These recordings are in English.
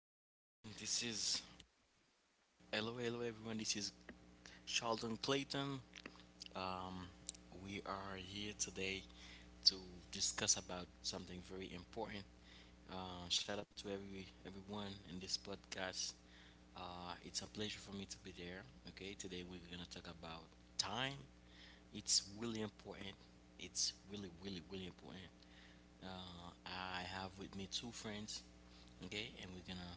everyone. This is Charlton Clayton. Um, we are here today to discuss about something very important. Shout out to everyone in this podcast. It's a pleasure for me to be there. Okay, today we're gonna talk about time. It's really important. It's really, really, really important. I have with me two friends, okay, and we're gonna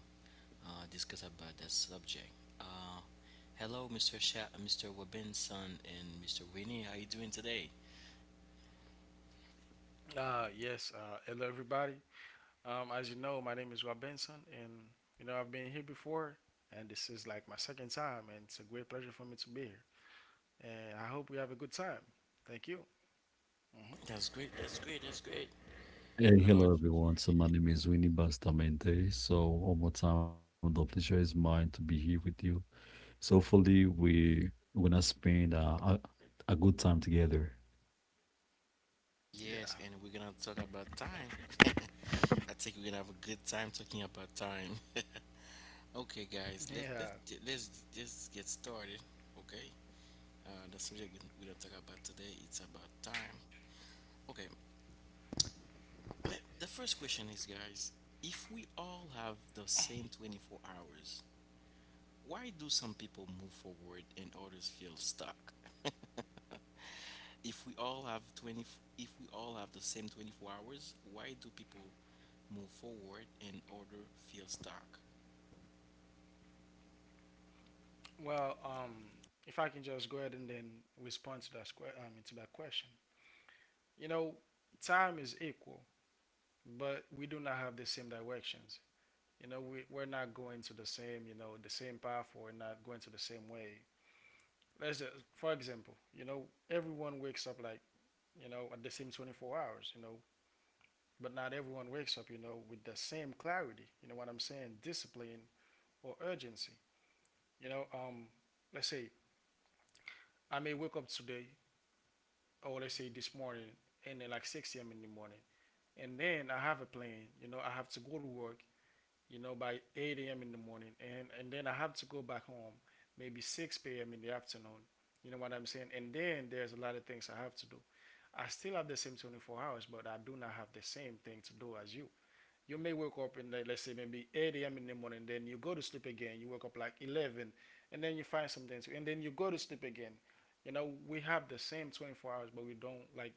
discuss about that subject. Uh, Hello, Mr. Mr. Robinson and Mr. Winnie. How you doing today? Yes, hello everybody. As you know, my name is Rob Benson, and you know I've been here before, and this is like my second time, and it's a great pleasure for me to be here. And I hope we have a good time. Thank you. hmm That's great. That's great. That's great. Hey, What about hello everyone. So my name is Winnie Bastamente. So one more time, the pleasure is mine to be here with you. So hopefully we're gonna spend a good time together. you? Yeah, Yes, and we're gonna talk about time. I think we're gonna have a good time talking about time. Okay, guys, let yeah. let's just get started. Okay, the subject we're gonna talk about today it's about time. Okay, Let, the first question is, guys, if we all have the same 24 hours, why do some people move forward and others feel stuck? if we all have 20, if we all have the same 24 hours, why do people move forward and others feel stuck? Well, um, if I can just go ahead and then respond to to that question. You know, time is equal, but we do not have the same directions. You know, we're not going to the same you know the same path, or not going to the same way let's just, for example, you know, everyone wakes up like, you know, at the same 24 hours, you know, but not everyone wakes up, you know, with the same clarity, you know what I'm saying, discipline or urgency. You know, um, let's say I may wake up today, or let's say this morning, and then like 6 a.m. in the morning, and then I have a plan, you know, I have to go to work, you know, by 8 a.m. in the morning, and then I have to go back home, maybe 6 p.m. in the afternoon. You know what I'm saying? And then there's a lot of things I have to do. I still have the same 24 hours, but I do not have the same thing to do as you. You may wake up in like, let's say maybe 8 a.m. in the morning, then you go to sleep again. You wake up like 11, and then you find something to, and then you go to sleep again. You know, we have the same 24 hours, but we don't like,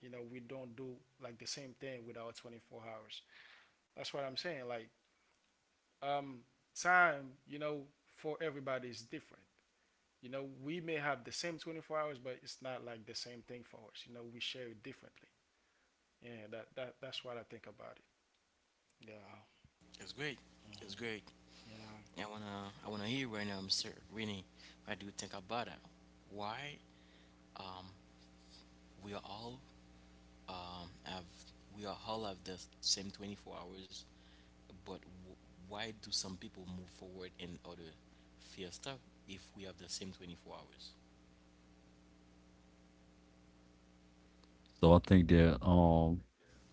you know, we don't do like the same thing with our 24 hours. That's what I'm saying. Um, time, you know, for everybody is different. You know, we may have the same 24 hours, but it's not like the same thing for us. You know, we share it differently. Yeah, that that's what I think about it. Yeah. It's great. It's hmm great. Yeah. I wanna hear right now, Mr. Renee. What do you think about that? Why um, we are all have we are all have the same 24 hours, but w- why do some people move forward and other fear stuck if we have the same 24 hours? So I think that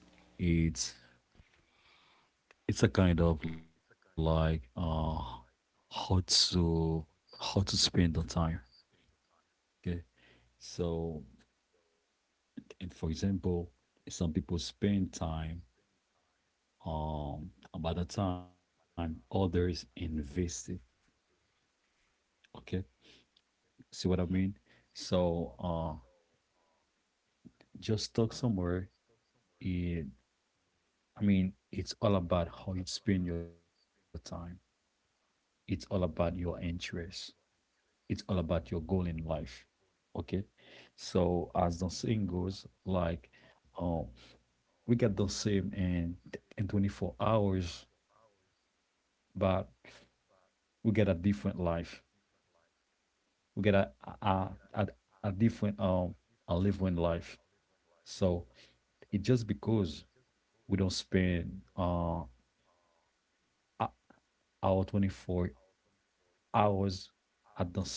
it's it's a kind of like how to how to spend the time. Okay. So and for example, some people spend time about the time others invest it. Okay. See what I mean? hmm hmm So, just talk somewhere. It, I mean, it's all about how you spend your time. It's all about your interests. It's all about your goal in life. Okay. So, as the saying goes, like, um, we get the same in 24 hours, but we get a different life. We get a a, a different a living life. So, it just because we don't spend ou- our 24 hours at the same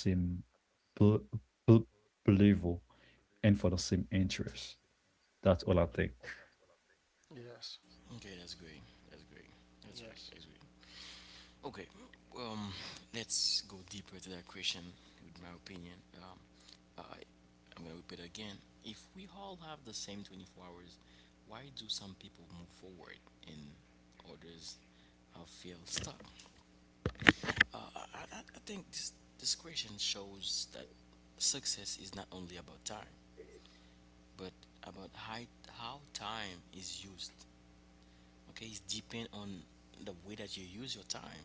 bl- bl- level and for the same interest. That's all I think. Yes. Okay, that's great. That's great. That's great. Yes. That's great. Okay, um, let's go deeper to that question with my opinion. I, I'm gonna repeat again. If we all have the same 24 hours, why do some people move forward and others feel stuck? Uh, I, I think this discretion shows that success is not only about time, but about how time is used. Okay, it's depend on the way that you use your time.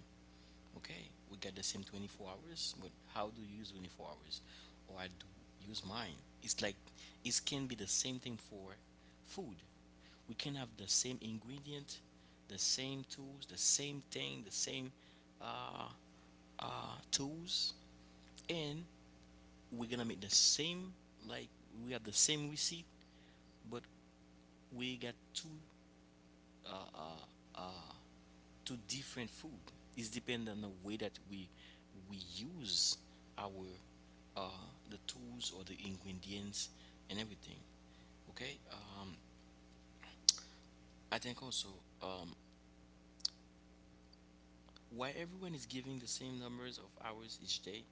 Okay, we got the same 24 hours, but how do you use 24 hours? Or I do use mine. It's like it can be the same thing for food. We can have the same ingredient, the same tools, the same thing, the same uh, tools, and we're gonna make the same like we have the same receipt but we got two two different food it's depend on the way that we use our uh the tools or the ingredients and everything. Okay. um I think also, um why everyone is giving the same numbers of hours each day,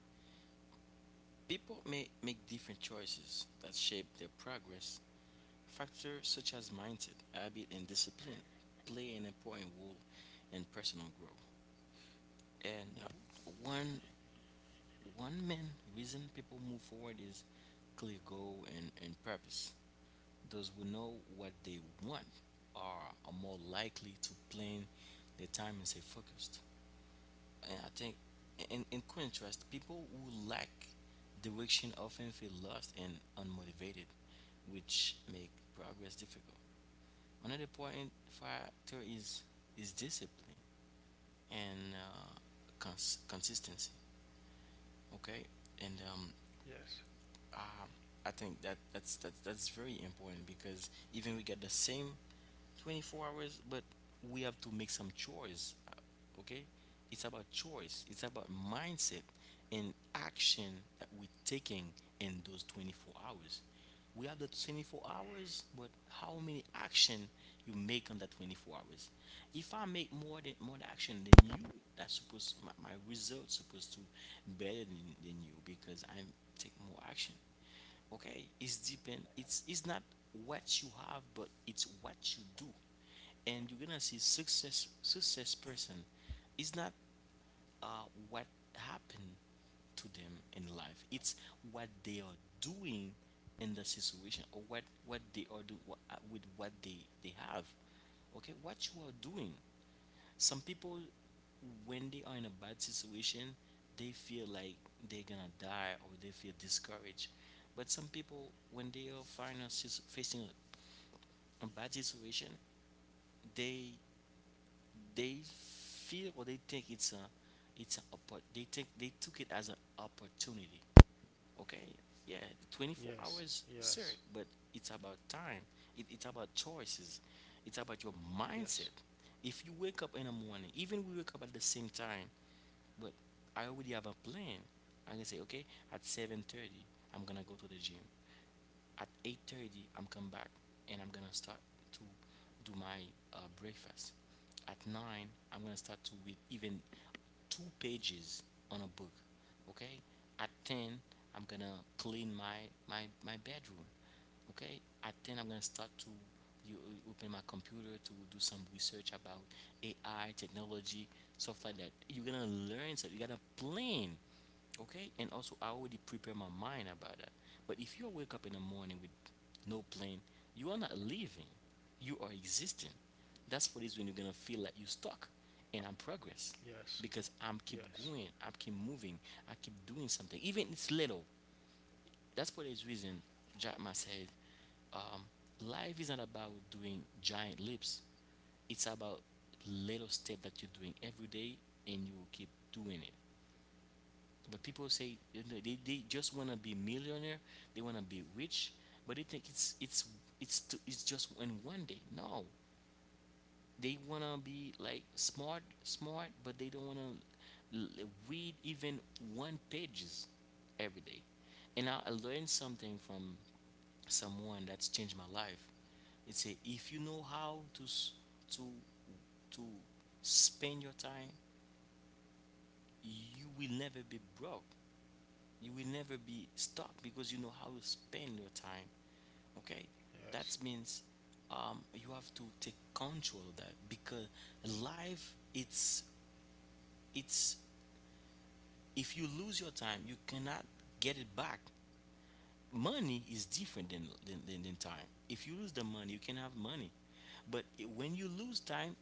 people may make different choices that shape their progress. Factors such as mindset, habit, and discipline play an important role in personal growth. And hmm one one main reason people move forward is clear goal and purpose. Those who know what they want are more likely to plan their time and stay focused. And I think, in contrast, people who lack direction often feel lost and unmotivated, which make progress difficult. Another important factor is discipline and consistency. Okay, and Yes. uh, I think that that's very important because even we get the same 24 hours, but we have to make some choice. Okay? It's about choice, it's about mindset and action that we're taking in those 24 hours. We have the 24 hours, but how many action you make on that 24 hours? If I make more action than you, that's supposed my results supposed to better than you because I take more action. Okay, it's depend it's not what you have but it's what you do, and you're gonna see success person is not what happened to them in life, it's what they are doing in the situation, or what they are doing with what they have. Okay, what you are doing. Some people, when they are in a bad situation, they feel like they're gonna die or they feel discouraged. But some people, when they are facing a bad situation, they they feel or they think it's a they think they took it as an opportunity. Okay, yeah, 24 Yes. hours sir, Yes. but it's about time, it's about choices, it's about your mindset. Yes. If you wake up in the morning, even we wake up at the same time, but I already have a plan. I can say, okay, at 7:30, I'm gonna go to the gym, at 8:30 I'm come back and I'm gonna start to do my breakfast. At 9 I'm gonna start to read even two pages on a book. Okay? At 10 I'm gonna clean my bedroom. Okay? At 10 I'm gonna start to you open my computer to do some research about AI technology stuff like that. You're gonna learn, so you gotta plan. Okay, and also I already prepare my mind about that. But if you wake up in the morning with no plan, you are not living, you are existing. That's for this, when you're gonna feel like you're stuck. And I'm progress, Yes. because I'm keep Yes. going, I keep moving, I keep doing something even it's little. That's for this reason Jack Ma said, um, life is not about doing giant leaps, it's about little step that you're doing every day, and you will keep doing it. But people say, you know, they just want to be millionaire, they want to be rich, but they think it's just in one day. No, they want to be like smart, but they don't want to read even one pages every day. And I learned something from someone that's changed my life. It say if you know how to to to spend your time, you will never be broke. You will never be stuck because you know how to spend your time. Okay, that Yes. means you have to take control of that because life it's if you lose your time you cannot get it back. Money is different than than time. If you lose the money, you can have money. But when you lose time,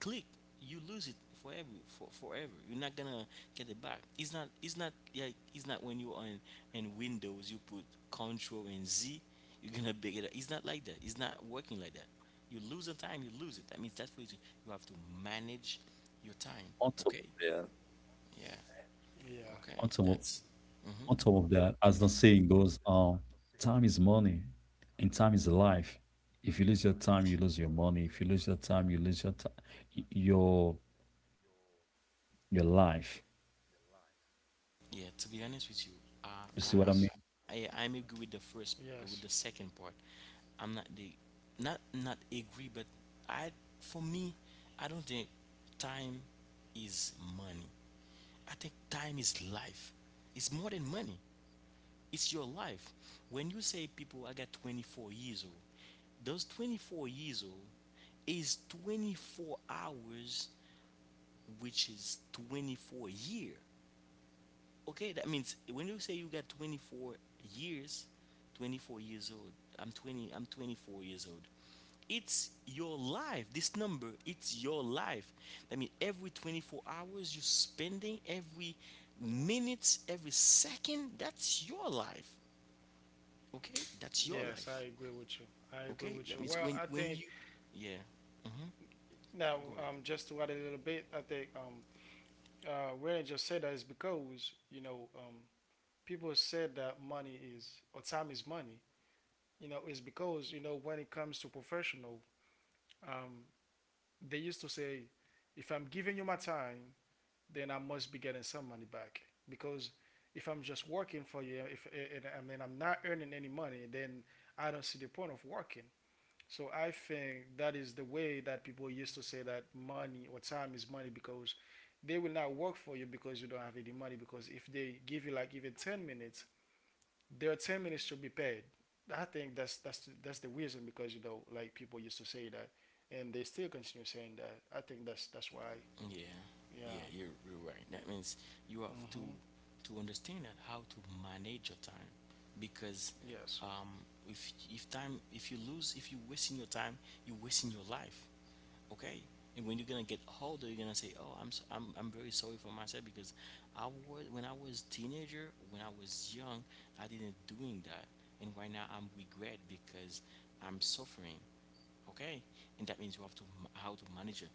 click, you lose it forever. For forever you're not gonna get it back. It's not, it's not like, it's not when you're on in windows you put control and z, you're gonna pick it up. It's not like that, it's not working like that. You lose the time, you lose it. That means you have to manage On your top of time. that, Okay. Yeah. Yeah. on top of, Okay, that's on top of Mm-hmm. that, as the saying goes, time is money and time is life. If you lose your time, you lose your money. If you lose your time, your life. Yeah, to be honest with you, You see what I uh, mean? Yes. I, I, I'm agree with the first, but Yes. with the second part, I'm not the, not not agree, but I, for me, I don't think time is money. I think time is life. It's more than money. It's your life. When you say people, I got 24 years old, those 24 years old is 24 hours, which is 24 year. Okay, that means when you say you got 24 years, 24 years old. I'm 20. I'm 24 years old. It's your life. This number, it's your life. That means every 24 hours you're spending, every minute, every second, that's your life. Okay, that's your Yes, I life. agree with you. I agree Okay, with that you. means Well, I think yeah, now go ahead. Just to add a little bit, I think when I just said that is because you know people said that money is or time is money. You know, it's because you know when it comes to professional, um, they used to say, if I'm giving you my time, then I must be getting some money back because if I'm just working for you, if and, and I'm not earning any money, then I don't see the point of working. So I think that is the way that people used to say that money or time is money because they will not work for you because you don't have any money because if they give you like even 10 minutes, their 10 minutes should be paid. I think that's that's the reason because you know like people used to say that and they still continue saying that. I think that's why. Yeah, yeah, Yeah. You're right. That means you have to Mhm. Understand that how to manage your time, because Yes. um, if you lose if you wasting your time, you're wasting your life. Okay, and when you're gonna get older, you're gonna say, "Oh, I'm s- I'm very sorry for myself because I was when I was teenager, when I was young, I didn't doing that, and right now I'm regret because I'm suffering." Okay, and that means you have to how to manage it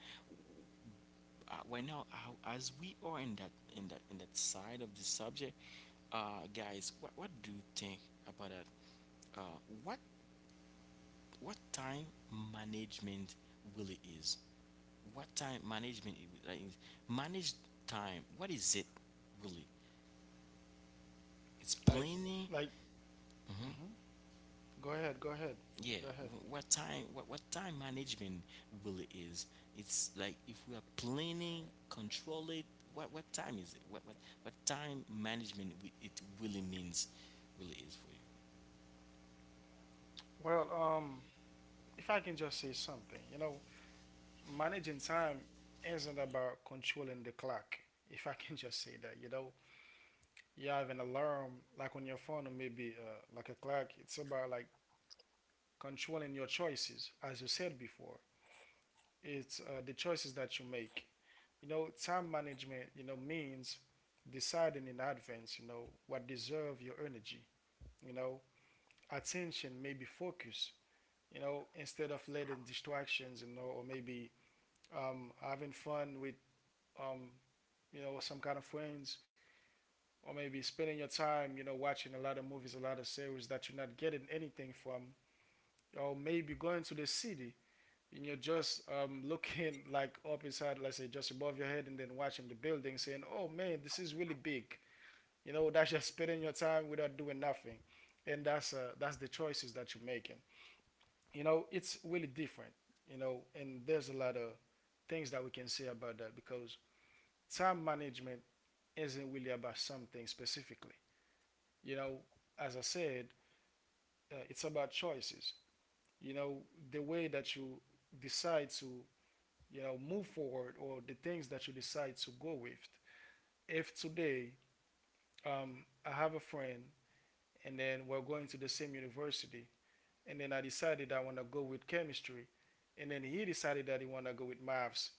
right now as we are in that in that side of the subject. Guys, what do you think about that? uh what what time management really is, what time management like, is, manage time, what is it really, it's Like planning. like mhm. Go ahead, go ahead. Go ahead. What time, what time management really is, it's like if we are planning control it, what what time is it what what, what time management it really means, really is for you. Well, um if I can just say something, you know, managing time isn't about controlling the clock. If I can just say that, you know, you have an alarm like on your phone or maybe like a clock. It's about like controlling your choices, as you said before. It's the choices that you make. You know, time management, you know, means deciding in advance, you know, what deserve your energy, you know, attention, maybe focus, you know, instead of letting distractions, you know, or maybe having fun with um, you know, some kind of friends, or maybe spending your time, you know, watching a lot of movies, a lot of series that you're not getting anything from, or maybe going to the city and you're just looking like up inside, let's say, just above your head, and then watching the building, saying, "Oh man, this is really big." You know, that's just spending your time without doing nothing, and that's the choices that you're making. You know, it's really different. You know, and there's a lot of things that we can say about that because time management isn't really about something specifically. You know, as I said, it's about choices. You know, the way that you decide to, you know, move forward or the things that you decide to go with. If today I have a friend and then we're going to the same university, and then I decided I want to go with chemistry, and then he decided that he want to go with maths.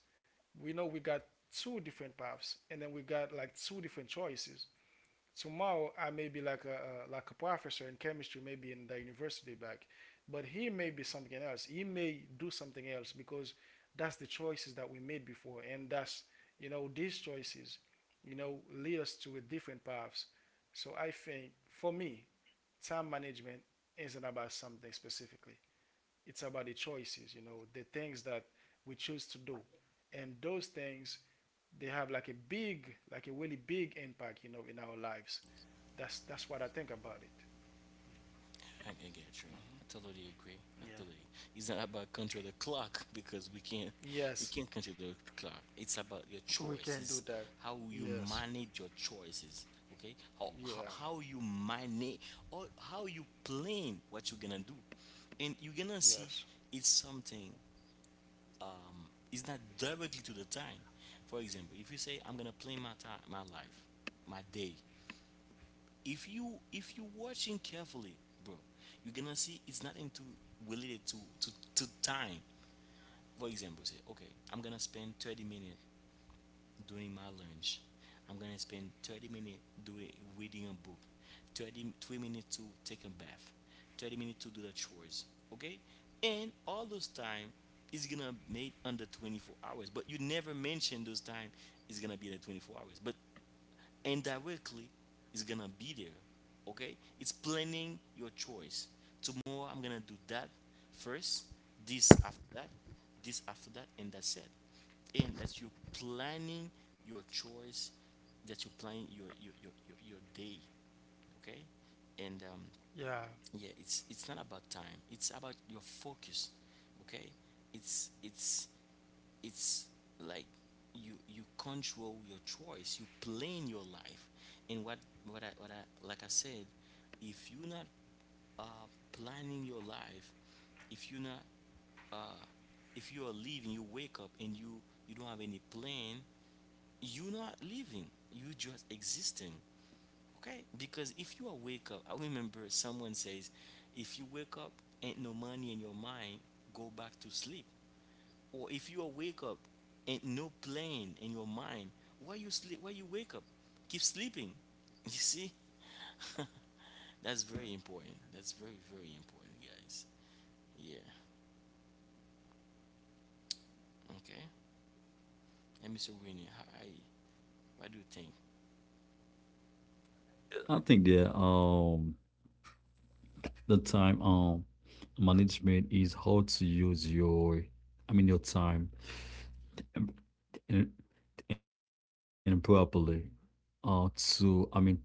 We know we got two different paths, and then we got like two different choices tomorrow I may be like a like a professor in chemistry, maybe in the university back, but he may be something else. He may do something else because that's the choices that we made before, and that's you know these choices, you know, lead us to a different paths. So I think for me, time management isn't about something specifically. It's about the choices, you know, the things that we choose to do, and those things they have like a big, like a really big impact, you know, in our lives. That's what I think about it. I get you. Hmm I totally agree. I Yeah. totally. It's not about control the clock because we Yes, can't control the clock. It's about your we can do choices, that. how you Yes, manage your choices. Okay, yeah, how you manage or how you plan what you're gonna do, and you're gonna see yes. it's something. It's not directly to the time. For example, if you say I'm gonna plan my time, my life, my day. If you watching carefully, bro, you're gonna see it's nothing to related to time. For example, say okay, I'm gonna spend 30 minutes doing my lunch. I'm gonna spend 30 minutes doing reading a book. 30 3 minutes to take a bath. 30 minutes to do the chores. Okay. And all those time is gonna make under 24 hours, but you never mention those time is gonna be in the 24 hours, but indirectly it's gonna be there. Okay, it's planning your choice. Tomorrow I'm gonna do that first, this after that, this after that, and that's it. And that's you planning your choice, that you plan your your, day. Okay. And yeah, it's not about time, it's about your focus. Okay. It's it's it's like, you control your choice, you plan your life. And what what I like I said, if you're not planning your life. If you're not uh, if you're leaving you wake up and you don't have any plan, you're not living, you just existing. Okay, because if you are wake up, I remember someone says, if you wake up, ain't no money in your mind, go back to sleep. Or if you wake up and no plan in your mind, where you sleep where you wake up, keep sleeping. You see. That's very important, that's very very important, guys. Yeah. Okay. And Mr. Winnie, hi, what do you think? I think that the time management is how to use your I mean your time um, in, in properly to I mean to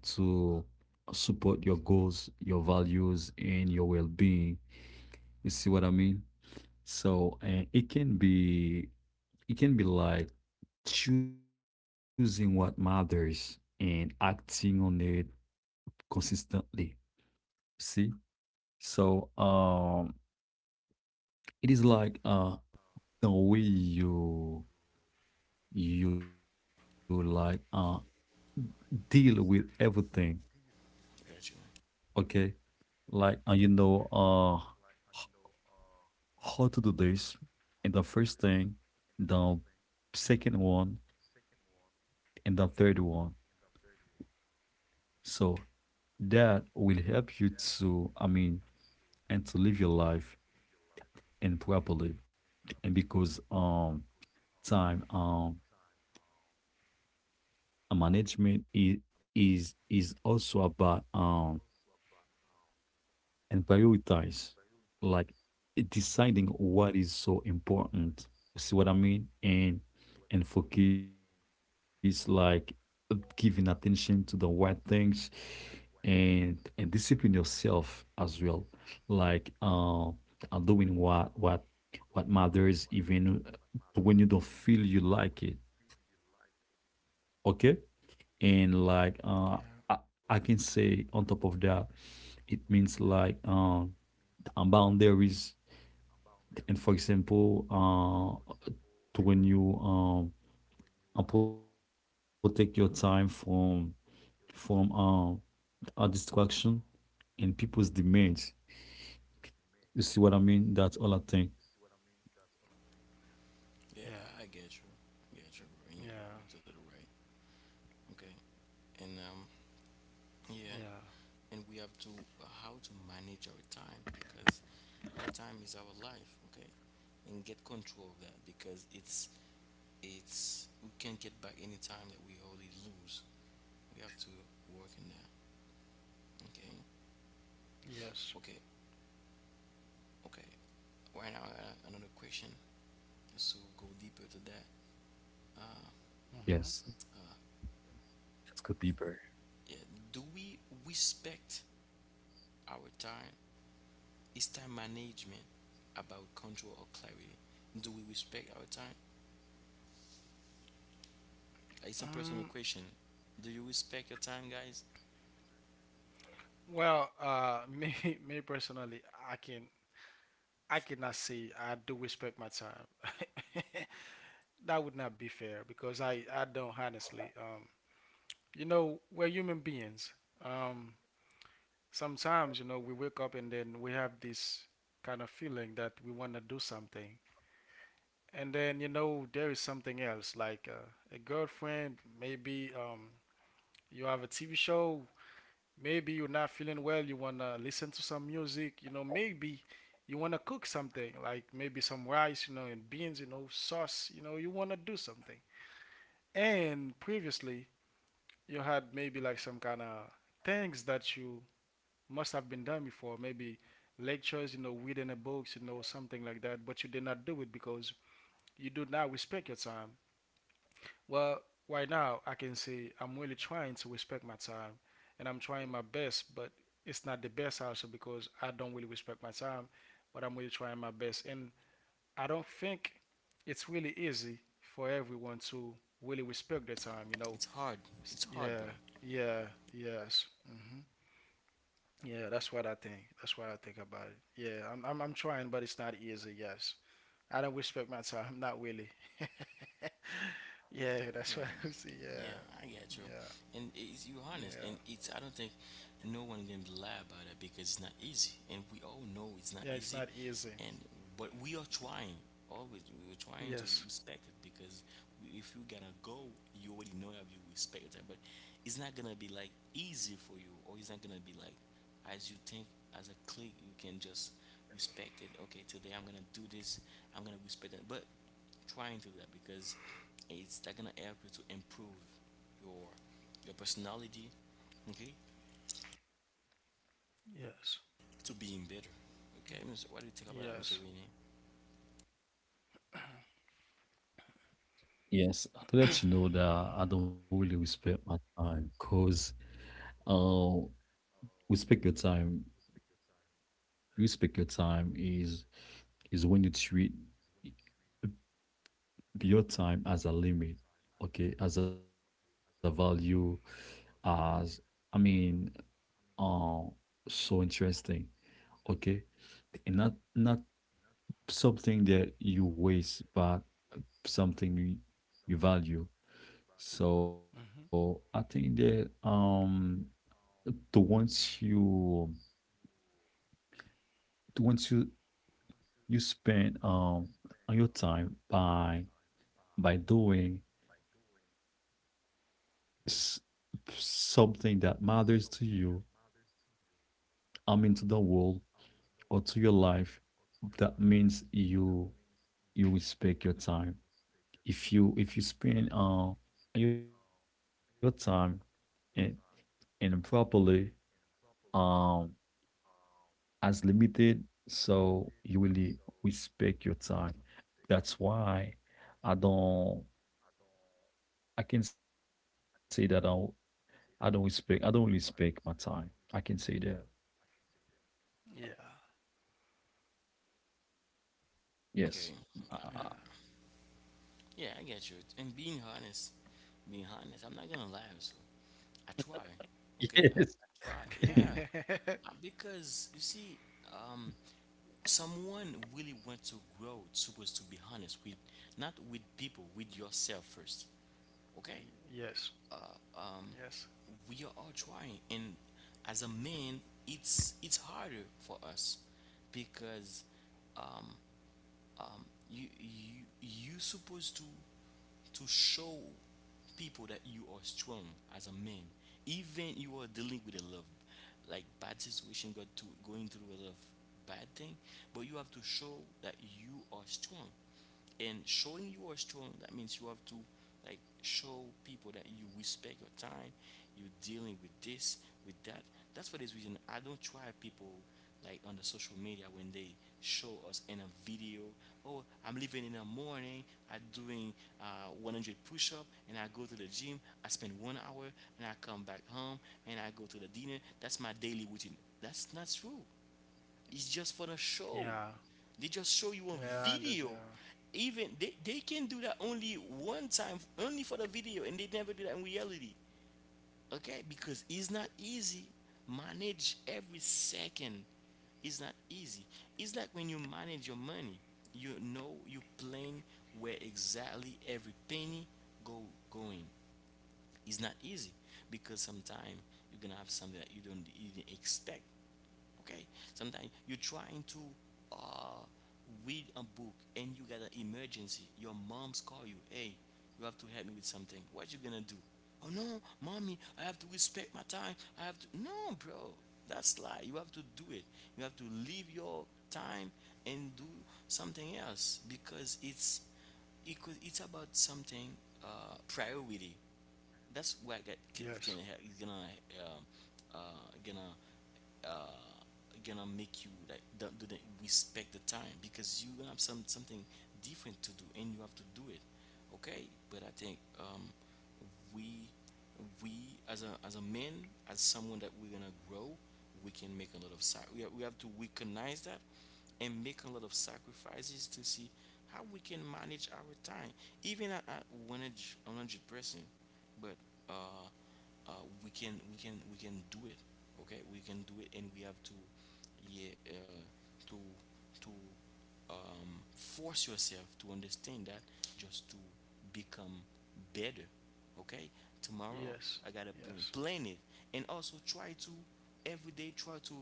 support your goals, your values, and your well-being. You see what I mean? So and it can be like choosing what matters and acting on it consistently. See? So it is like the way you like deal with everything. I got you. Okay, like you know, h- how to do this, and the first thing, the second one, and the third one. So that will help you to, I mean, and to live your life and properly. And because time management is is also about and prioritize, like Mhm. deciding what is so important. See what I mean? And focus, like giving attention to the right things, and discipline yourself as well, like doing what matters, even when you don't feel you like it. Okay. And like I, I can Yeah. say, on top of that, it means like boundaries. And for example, uh, to when you protect your time from from uh, a distraction and people's demands. You see what I mean? That's all I think. Yeah, Yeah, I get you, get you, bro. And you, yeah, you're totally right. Okay. And um, yeah. yeah, And we have to how to manage our time, because our time is our life. Okay. And get control of that because it's we can't get back any time that we already lose. We have to work in that. Okay. yes. Okay. Okay. Right now, I got another question. So we'll go deeper to that. Uh, Yes, Mm-hmm. uh, that's good, Bieber. yeah. Do we respect our time? Is time management about control or clarity? Do we respect our time? Like, it's a personal Um, question. Do you respect your time, guys? Me, me personally, I can, I cannot say I do respect my time. That would not be fair because I don't honestly. You know, we're human beings. Um, sometimes you know we wake up and then we have this kind of feeling that we want to do something and then you know there is something else like a girlfriend maybe you have a tv show maybe you're not feeling well you want to listen to some music you know maybe you want to cook something like maybe some rice you know and beans you know sauce you know you want to do something and previously you had maybe like some kind of things that you must have been done before, maybe lectures, you know, reading the books, you know, something like that, but you did not do it because you do not respect your time. Well, right now, I can say I'm really trying to respect my time and I'm trying my best, but it's not the best also because I don't really respect my time, but I'm really trying my best. And I don't think it's really easy for everyone to really respect their time, you know. It's hard. It's hard, bro. Yeah, yeah, yes. hmm Yeah, that's what I think. That's what I think about it. Yeah, I'm trying, but it's not easy. Yes, I don't respect my time. Not really. Yeah, that's Yeah, what I see. Yeah, yeah, I get you. yeah, And it's, you're honest, and yeah, it's I don't think no one can lie about it because it's not easy, and we all know it's not yeah. It's easy, not easy. and but we are trying. Always, we are trying to Yes, respect it because we- if you gonna go, you already know that you respect that. But it's not gonna be like easy for you, or it's not gonna be like as you think as a click. You can just respect it. Okay, today I'm gonna do this. I'm gonna respect it, but trying to do that because it's that gonna help you to improve your personality. Okay, yes, to being better. Okay, Mr. what do you think about that, Mr. yes. Rainey? Yes, to let you know that I don't really respect my time, because uh, respect your time. Respect your time is when you treat your time as a limit, okay, as a value, as I mean, uh, so interesting, okay, and not something that you waste, but something you, you value. So I hmm think that the once you the once you you spend on your time by doing s- something that matters to you, harm into the world or to your life, that means you respect your time. If you spend your time and and properly um as limited, so you really respect your time. That's why I don't I can say that I don't respect, I don't respect my time. I can say that. Yeah, Yes. Okay. Uh, uh, yeah, I get you, and being honest, being honest, I'm not gonna lie, so I try. yes. Okay, I try. Yeah. yeah. Because you see, um, someone really wants to grow, supposed to be honest with, not with people, with yourself first. Okay. Yes, um, yes. we are all trying. And as a man, it's harder for us because um, you supposed to show people that you are strong. As a man, even you are dealing with a love, like bad situation, got to going through a lot of bad thing, but you have to show that you are strong. And showing you are strong, that means you have to like show people that you respect your time, you're dealing with this, with that. That's for this reason I don't try people like on the social media when they show us in a video. Oh, I'm living in the morning, I'm doing 100 push-up and I go to the gym, I spend 1 hour and I come back home, and I go to the dinner. That's my daily routine. That's not true, it's just for the show. Yeah. They just show you a Yeah, I understand. video. Even they can do that only one time, only for the video, and they never do that in reality. Okay? Because it's not easy. Manage every second. It's not easy. It's like when you manage your money, you know you plan where exactly every penny go going. It's not easy because sometimes you're gonna have something that you don't you didn't expect. Okay? Sometimes you're trying to uh, read a book and you got an emergency. Your mom's call you, hey, you have to help me with something. What you gonna do? Oh no, mommy, I have to respect my time. I have to no, bro. That's lie. You have to do it. You have to leave your time and do something else because it's about something, priority. That's where I get, Yeah. Yes. can help is gonna um, gonna gonna make you like don't do the respect the time because you have some something different to do and you have to do it. Okay. But I think um, we we as a man, as someone that we're gonna grow, we can make a lot of we have to recognize that and make a lot of sacrifices to see how we can manage our time even at 100 percent. But uh, uh, we can we can do it. Okay, we can do it and we have to, yeah, to to force yourself to understand that, just to become better. Okay, tomorrow Yes. I gotta Yes. plan it, and also try to every day try to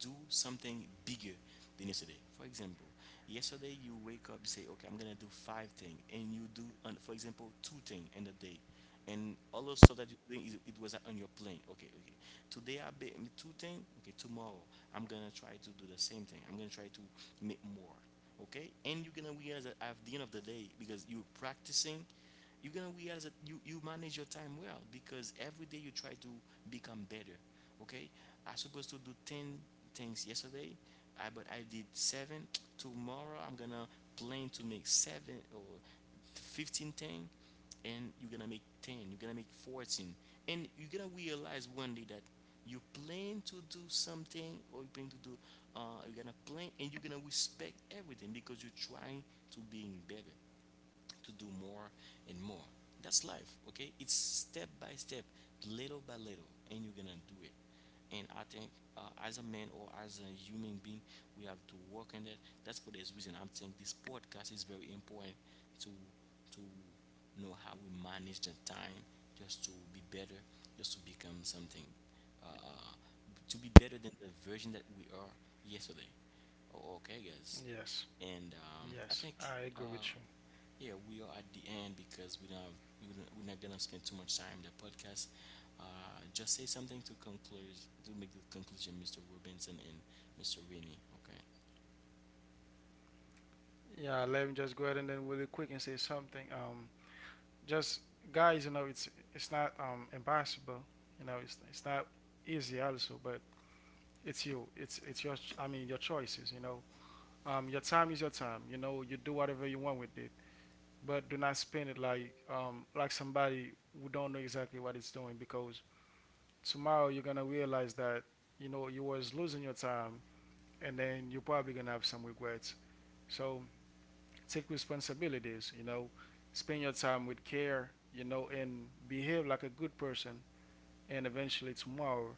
do something bigger than yesterday. For example, yesterday you wake up, say, okay, I'm gonna do five things, and you do, for example, two things in the day, and all those stuff that you're doing is, it was on your plane. Okay, okay, today I made two things. Okay, tomorrow I'm gonna try to do the same thing, I'm gonna try to make more. Okay, and you're gonna realize that at the end of the day, because you're practicing, you're gonna realize that you manage your time well because every day you try to become better. Okay, I supposed to do 10 things yesterday. But I did seven. Tomorrow I'm gonna plan to make 7 or 15 10, and you're gonna make 10, you're gonna make 14, and you're gonna realize one day that you plan to do something or you plan to do uh, you're gonna plan and you're gonna respect everything because you're trying to being better, to do more and more. That's life, okay? It's step by step, little by little, and you're gonna do it. And I think as a man or as a human being, we have to work on that. That's for this reason, I'm saying this podcast is very important to to know how we manage the time, just to be better, just to become something, uh, uh, to be better than the version that we are yesterday. O- Okay, guys, Yes. and I Yes. think I agree uh, with you. yeah, we are at the end because we don't have, we don't, we're not gonna spend too much time in the podcast. Just say something to conclude to make the conclusion, Mr. Robinson and Mr. Rainey. Okay. Yeah, let me just go ahead and then really quick and say something. Just guys, you know, it's not impossible. You know, it's not easy also, but it's you. It's your I mean your choices, you know. Your time is your time. You know, you do whatever you want with it, but do not spend it like somebody who don't know exactly what it's doing because tomorrow you're gonna realize that you know you was losing your time and then you're probably gonna have some regrets so take responsibilities you know spend your time with care you know and behave like a good person and eventually tomorrow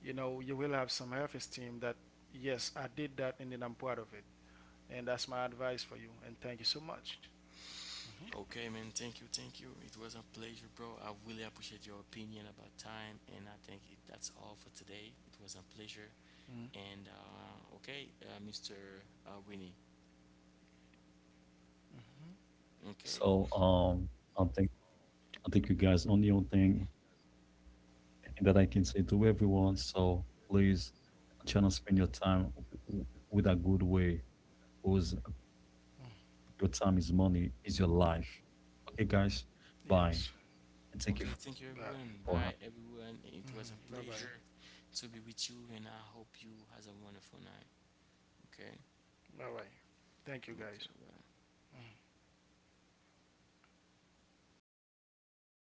you know you will have some self-esteem that yes I did that and then I'm proud of it and that's my advice for you and thank you so much. Hmm Okay, man. Thank you, thank you. It was a pleasure, bro. I really appreciate your opinion about time, and I think it, that's all for today. It was a pleasure. hmm And okay, Mr. Winnie. so Okay. I'm thinking, I think you guys only one thing, and that I can say to everyone. So please try not spend your time with a good way, because your hmm time is money, is your life. Okay, guys. Bye. Yes. And thank you for Okay, thank you Bye. everyone. Bye everyone. It was Hmm a Bye bye. pleasure to be with you and I hope you has a wonderful night. Okay, Bye bye, thank you okay, guys. we got it. Mhm.